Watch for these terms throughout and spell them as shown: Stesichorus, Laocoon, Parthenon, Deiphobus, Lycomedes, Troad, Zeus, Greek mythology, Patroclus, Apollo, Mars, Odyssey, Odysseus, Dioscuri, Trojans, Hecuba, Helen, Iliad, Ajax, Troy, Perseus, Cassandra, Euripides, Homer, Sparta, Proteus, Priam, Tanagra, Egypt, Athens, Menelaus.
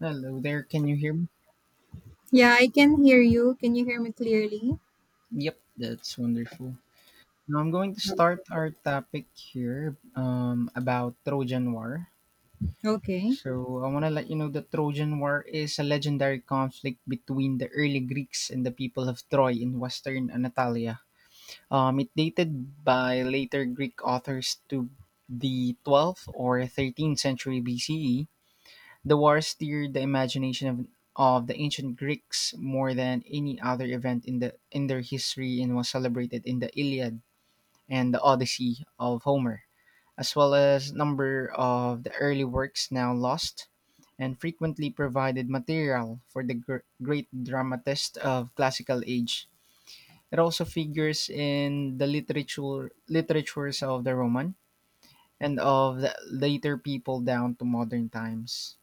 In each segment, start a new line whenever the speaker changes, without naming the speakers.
Hello there, can you hear me?
Yeah, I can hear you. Can you hear me clearly?
Yep, that's wonderful. Now I'm going to start our topic here about Trojan War.
Okay.
So I want to let you know that Trojan War is a legendary conflict between the early Greeks and the people of Troy in western Anatolia. It dated by later Greek authors to the 12th or 13th century BCE. The war stirred the imagination of the ancient Greeks more than any other event in in their history and was celebrated in the Iliad and the Odyssey of Homer, as well as number of the early works now lost and frequently provided material for the great dramatists of classical age. It also figures in the literatures of the Roman and of the later people down to modern times.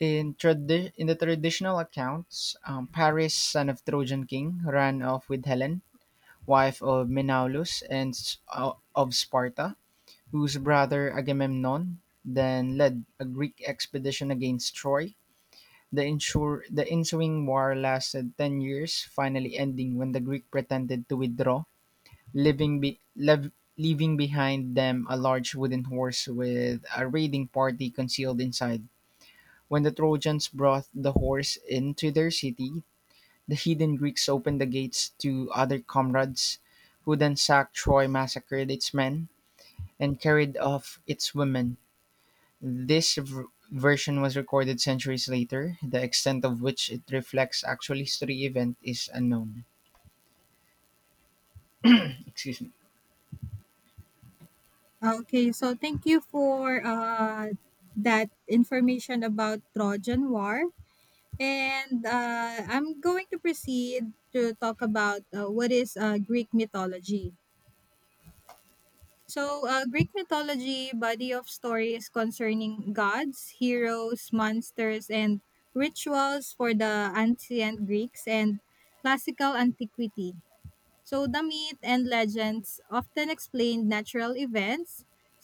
In the traditional accounts, Paris, son of Trojan king, ran off with Helen, wife of Menelaus and of Sparta, whose brother Agamemnon then led a Greek expedition against Troy. The ensuing war lasted 10 years, finally ending when the Greek pretended to withdraw, leaving behind them a large wooden horse with a raiding party concealed inside. When the Trojans brought the horse into their city, the heathen Greeks opened the gates to other comrades, who then sacked Troy, massacred its men, and carried off its women. This v- version was recorded centuries later, the extent of which it reflects actual history event is unknown. Excuse me.
Okay, so thank you for that information about Trojan War, and I'm going to proceed to talk about what is Greek mythology. So, Greek mythology body of stories concerning gods, heroes, monsters, and rituals for the ancient Greeks and classical antiquity. So the myth and legends often explain natural events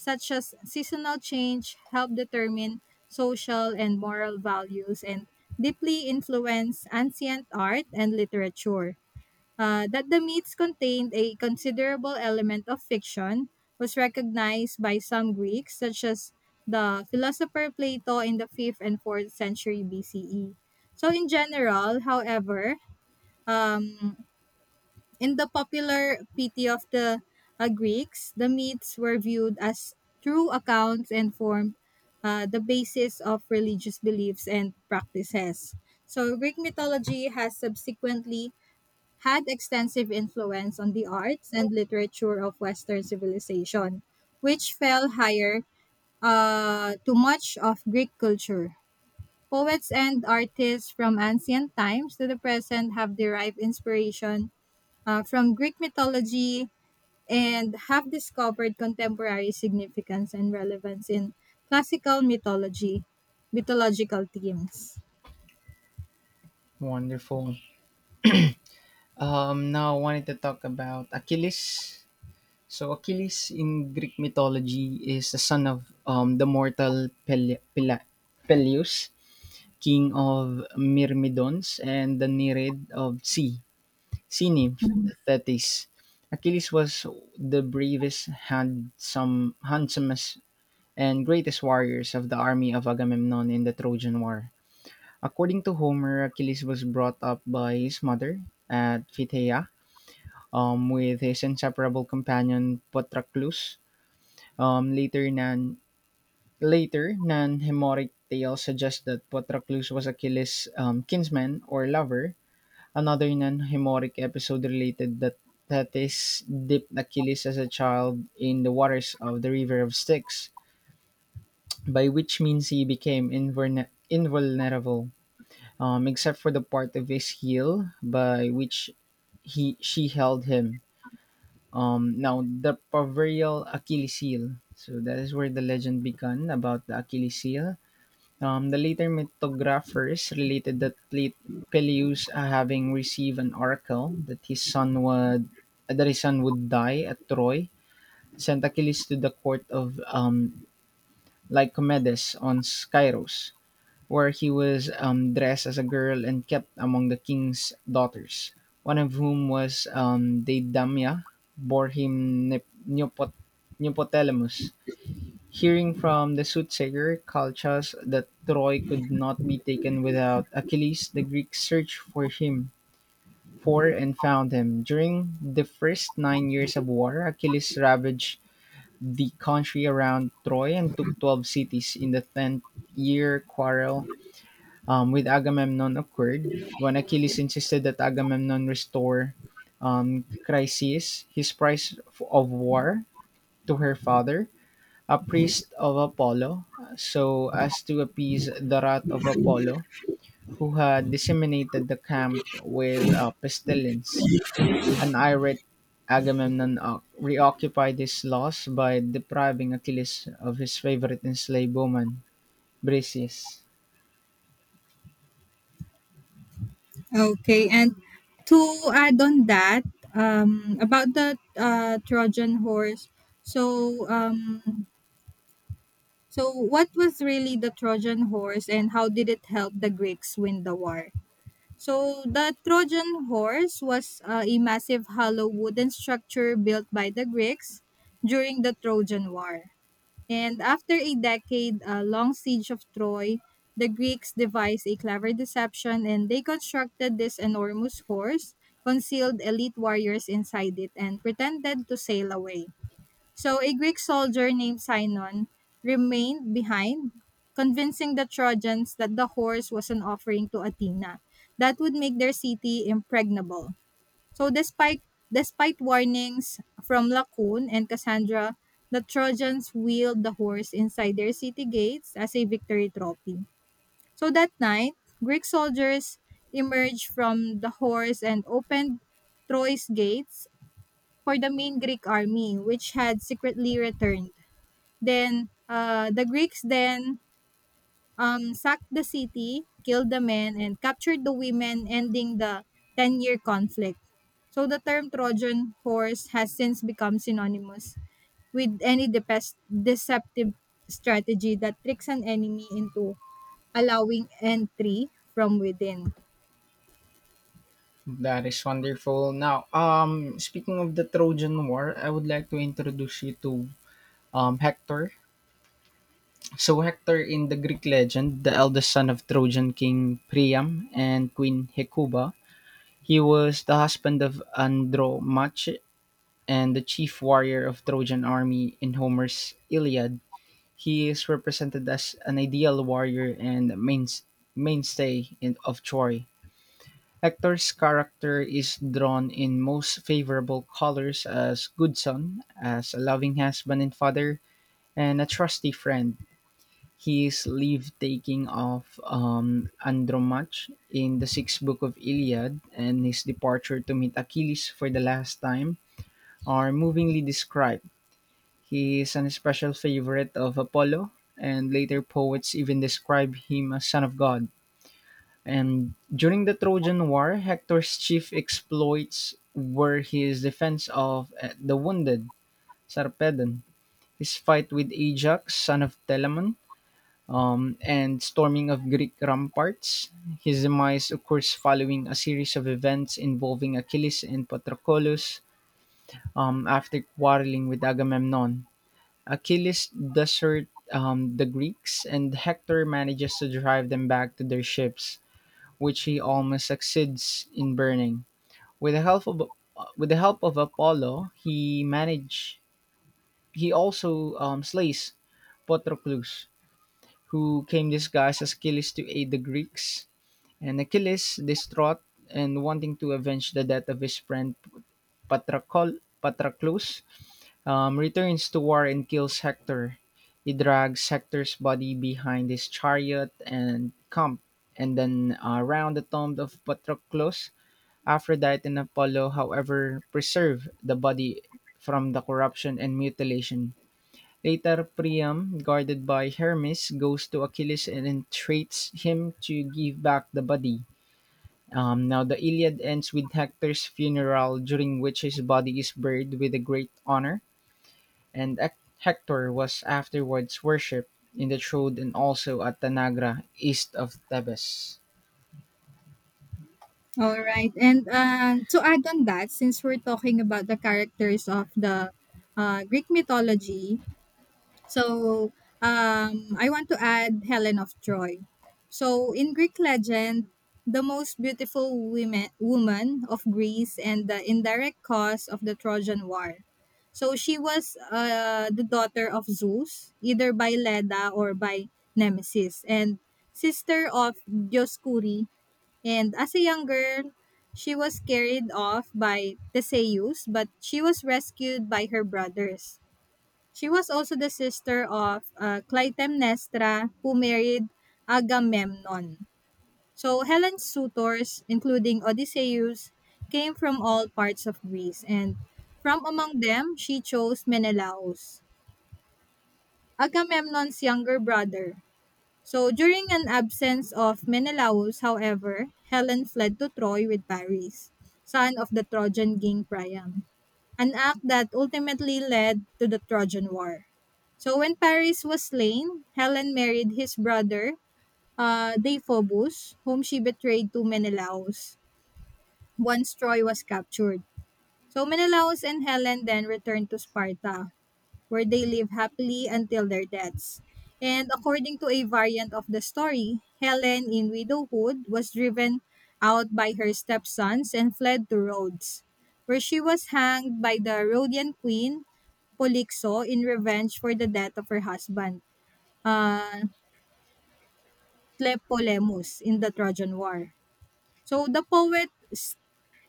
such as seasonal change help determine social and moral values and deeply influence ancient art and literature. That the myths contained a considerable element of fiction was recognized by some Greeks, such as the philosopher Plato in the 5th and 4th century BCE. So, in general, however, um, in the popular piety of the Greeks, the myths were viewed as true accounts and formed the basis of religious beliefs and practices. So, Greek mythology has subsequently had extensive influence on the arts and literature of Western civilization, which fell higher to much of Greek culture. Poets and artists from ancient times to the present have derived inspiration from Greek mythology and have discovered contemporary significance and relevance in classical mythology, mythological themes.
Wonderful. Now I wanted to talk about Achilles. So Achilles in Greek mythology is the son of the mortal Peleus, king of Myrmidons, and the Nereid of sea, sea nymph Thetis. Achilles was the bravest, handsomest, and greatest warriors of the army of Agamemnon in the Trojan War. According to Homer, Achilles was brought up by his mother at Phthia, with his inseparable companion Patroclus. um, later, nan Later non-Homeric tale suggests that Patroclus was Achilles' kinsman or lover. Another non-Homeric episode related that Thetis dipped Achilles as a child in the waters of the river of Styx, by which means he became invulnerable, except for the part of his heel by which he she held him. Now the proverbial Achilles heel. So that is where the legend began about the Achilles heel. The later mythographers related that Peleus, having received an oracle that his son would, that his son would die at Troy, sent Achilles to the court of Lycomedes on Skyros, where he was dressed as a girl and kept among the king's daughters, one of whom was Deidamia, bore him Neopotelamus. Hearing from the soothsayer Calchas that Troy could not be taken without Achilles, the Greeks searched for him for and found him. During the first 9 years of war, Achilles ravaged the country around Troy and took 12 cities. In the 10th year quarrel, with Agamemnon occurred when Achilles insisted that Agamemnon restore Chryseis, his prize of war, to her father, a priest of Apollo, so as to appease the wrath of Apollo, who had disseminated the camp with a pestilence. An irate Agamemnon reoccupied his loss by depriving Achilles of his favorite enslaved woman, Briseis.
Okay, and to add on that, about the Trojan horse. So, so what was really the Trojan horse, and how did it help the Greeks win the war? So the Trojan horse was a massive hollow wooden structure built by the Greeks during the Trojan War. And after a decade long siege of Troy, the Greeks devised a clever deception and they constructed this enormous horse, concealed elite warriors inside it, and pretended to sail away. So a Greek soldier named Sinon remained behind, convincing the Trojans that the horse was an offering to Athena that would make their city impregnable. So despite warnings from Laocoon and Cassandra, the Trojans wheeled the horse inside their city gates as a victory trophy. So that night, Greek soldiers emerged from the horse and opened Troy's gates for the main Greek army, which had secretly returned. Then the Greeks then sacked the city, killed the men, and captured the women, ending the 10-year year conflict. So the term Trojan horse has since become synonymous with any deceptive strategy that tricks an enemy into allowing entry from within.
That is wonderful. Now, speaking of the Trojan War, I would like to introduce you to Hector. So, Hector in the Greek legend, the eldest son of Trojan King Priam and Queen Hecuba, he was the husband of Andromache and the chief warrior of Trojan army in Homer's Iliad. He is represented as an ideal warrior and mainstay of Troy. Hector's character is drawn in most favorable colors as good son, as a loving husband and father, and a trusty friend. He is leave taking of Andromach in the sixth book of Iliad, and his departure to meet Achilles for the last time are movingly described. He is an especial favorite of Apollo, and later poets even describe him as son of God. And during the Trojan War, Hector's chief exploits were his defense of the wounded Sarpedon, his fight with Ajax, son of Telamon, and storming of Greek ramparts. His demise occurs following a series of events involving Achilles and Patroclus, after quarreling with Agamemnon. Achilles deserts the Greeks, and Hector manages to drive them back to their ships which he almost succeeds in burning. With the help of with the help of Apollo, he also slays Patroclus, who came disguised as Achilles to aid the Greeks. And Achilles, distraught and wanting to avenge the death of his friend Patrocol, Patroclus, returns to war and kills Hector. He drags Hector's body behind his chariot and camp, and then around the tomb of Patroclus. Aphrodite and Apollo, however, preserve the body from the corruption and mutilation. Later, Priam, guarded by Hermes, goes to Achilles and entreats him to give back the body. Now, the Iliad ends with Hector's funeral, during which his body is buried with a great honor, and Hector was afterwards worshipped in the Troad and also at Tanagra, east of Thebes.
All right. And to add on that, since we're talking about the characters of the Greek mythology, so um, I want to add Helen of Troy. So in Greek legend, the most beautiful woman of Greece and the indirect cause of the Trojan War. So she was the daughter of Zeus, either by Leda or by Nemesis, and sister of Dioscuri. And as a young girl, she was carried off by Theseus, but she was rescued by her brothers. She was also the sister of Clytemnestra, who married Agamemnon. So Helen's suitors, including Odysseus, came from all parts of Greece, and from among them, she chose Menelaus, Agamemnon's younger brother. So during an absence of Menelaus, however, Helen fled to Troy with Paris, son of the Trojan king Priam, an act that ultimately led to the Trojan War. So when Paris was slain, Helen married his brother, Deiphobus, whom she betrayed to Menelaus once Troy was captured. So Menelaus and Helen then returned to Sparta, where they live happily until their deaths. And according to a variant of the story, Helen in widowhood was driven out by her stepsons and fled to Rhodes, where she was hanged by the Rhodian queen Polixo in revenge for the death of her husband, uh, Tlepolemus, in the Trojan War. So the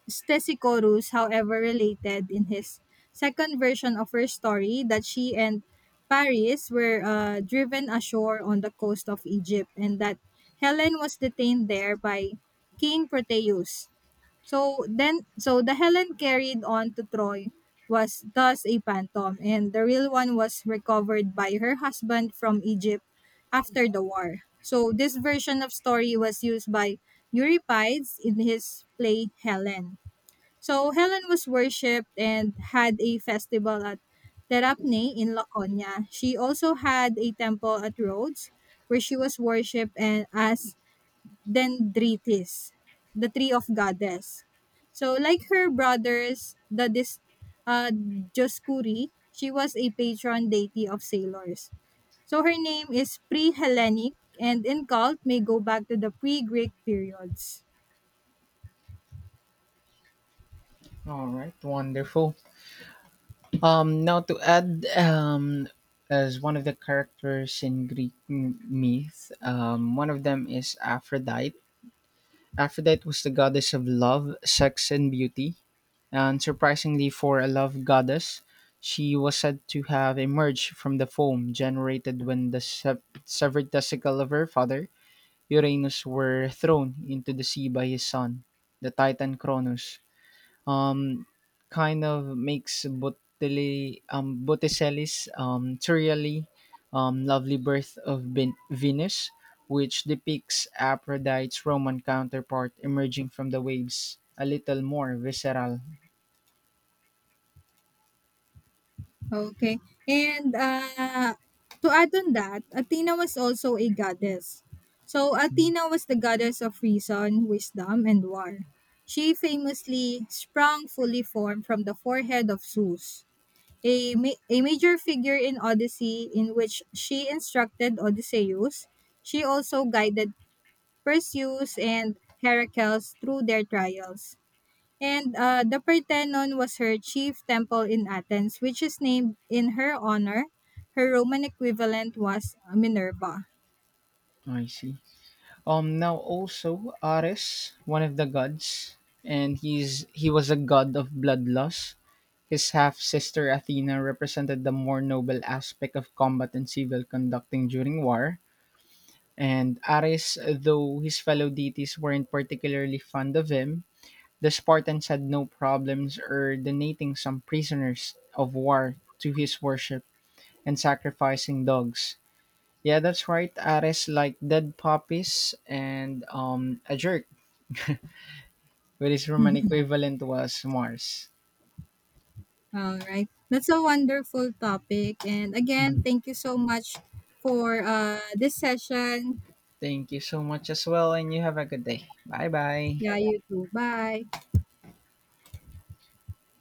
Stesichorus, however, related in his second version of her story that she and Paris were driven ashore on the coast of Egypt and that Helen was detained there by King Proteus. So the Helen carried on to Troy was thus a phantom and the real one was recovered by her husband from Egypt after the war. So this version of story was used by Euripides in his play Helen. So Helen was worshipped and had a festival at Terapne in Laconia. She also had a temple at Rhodes where she was worshipped and as Dendritis, the tree of goddess. So like her brothers, the Dioscuri, she was a patron deity of sailors. So her name is pre-Hellenic and in cult may go back to the pre-Greek periods.
All right, wonderful. Now to add, as one of the characters in Greek myth, one of them is Aphrodite. Aphrodite was the goddess of love, sex, and beauty. And surprisingly, for a love goddess, she was said to have emerged from the foam generated when the severed testicle of her father Uranus were thrown into the sea by his son, the Titan Cronus. um, Kind of makes Botticelli, Botticelli's Turrialli, lovely birth of Venus, which depicts Aphrodite's Roman counterpart emerging from the waves, a little more visceral.
Okay. And, to add on that, Athena was also a goddess. So,
Mhm.
Athena was the goddess of reason, wisdom, and war. She famously sprung fully formed from the forehead of Zeus, a major figure in Odyssey, in which she instructed Odysseus. She also guided Perseus and Heracles through their trials. And the Parthenon was her chief temple in Athens, which is named in her honor. Her Roman equivalent was Minerva.
I see. Now also Ares, one of the gods, and he was a god of bloodlust. His half sister Athena represented the more noble aspect of combat and civil conducting during war. And Ares, though his fellow deities weren't particularly fond of him, the Spartans had no problems donating some prisoners of war to his worship and sacrificing dogs. Yeah, that's right. Ares liked dead puppies and, a jerk, which his Roman equivalent was Mars.
All right. That's a wonderful topic. And again,
Mhm.
thank you so much for this session.
Thank you so much as well, and you have a good day. Bye bye.
Yeah, you too. Bye.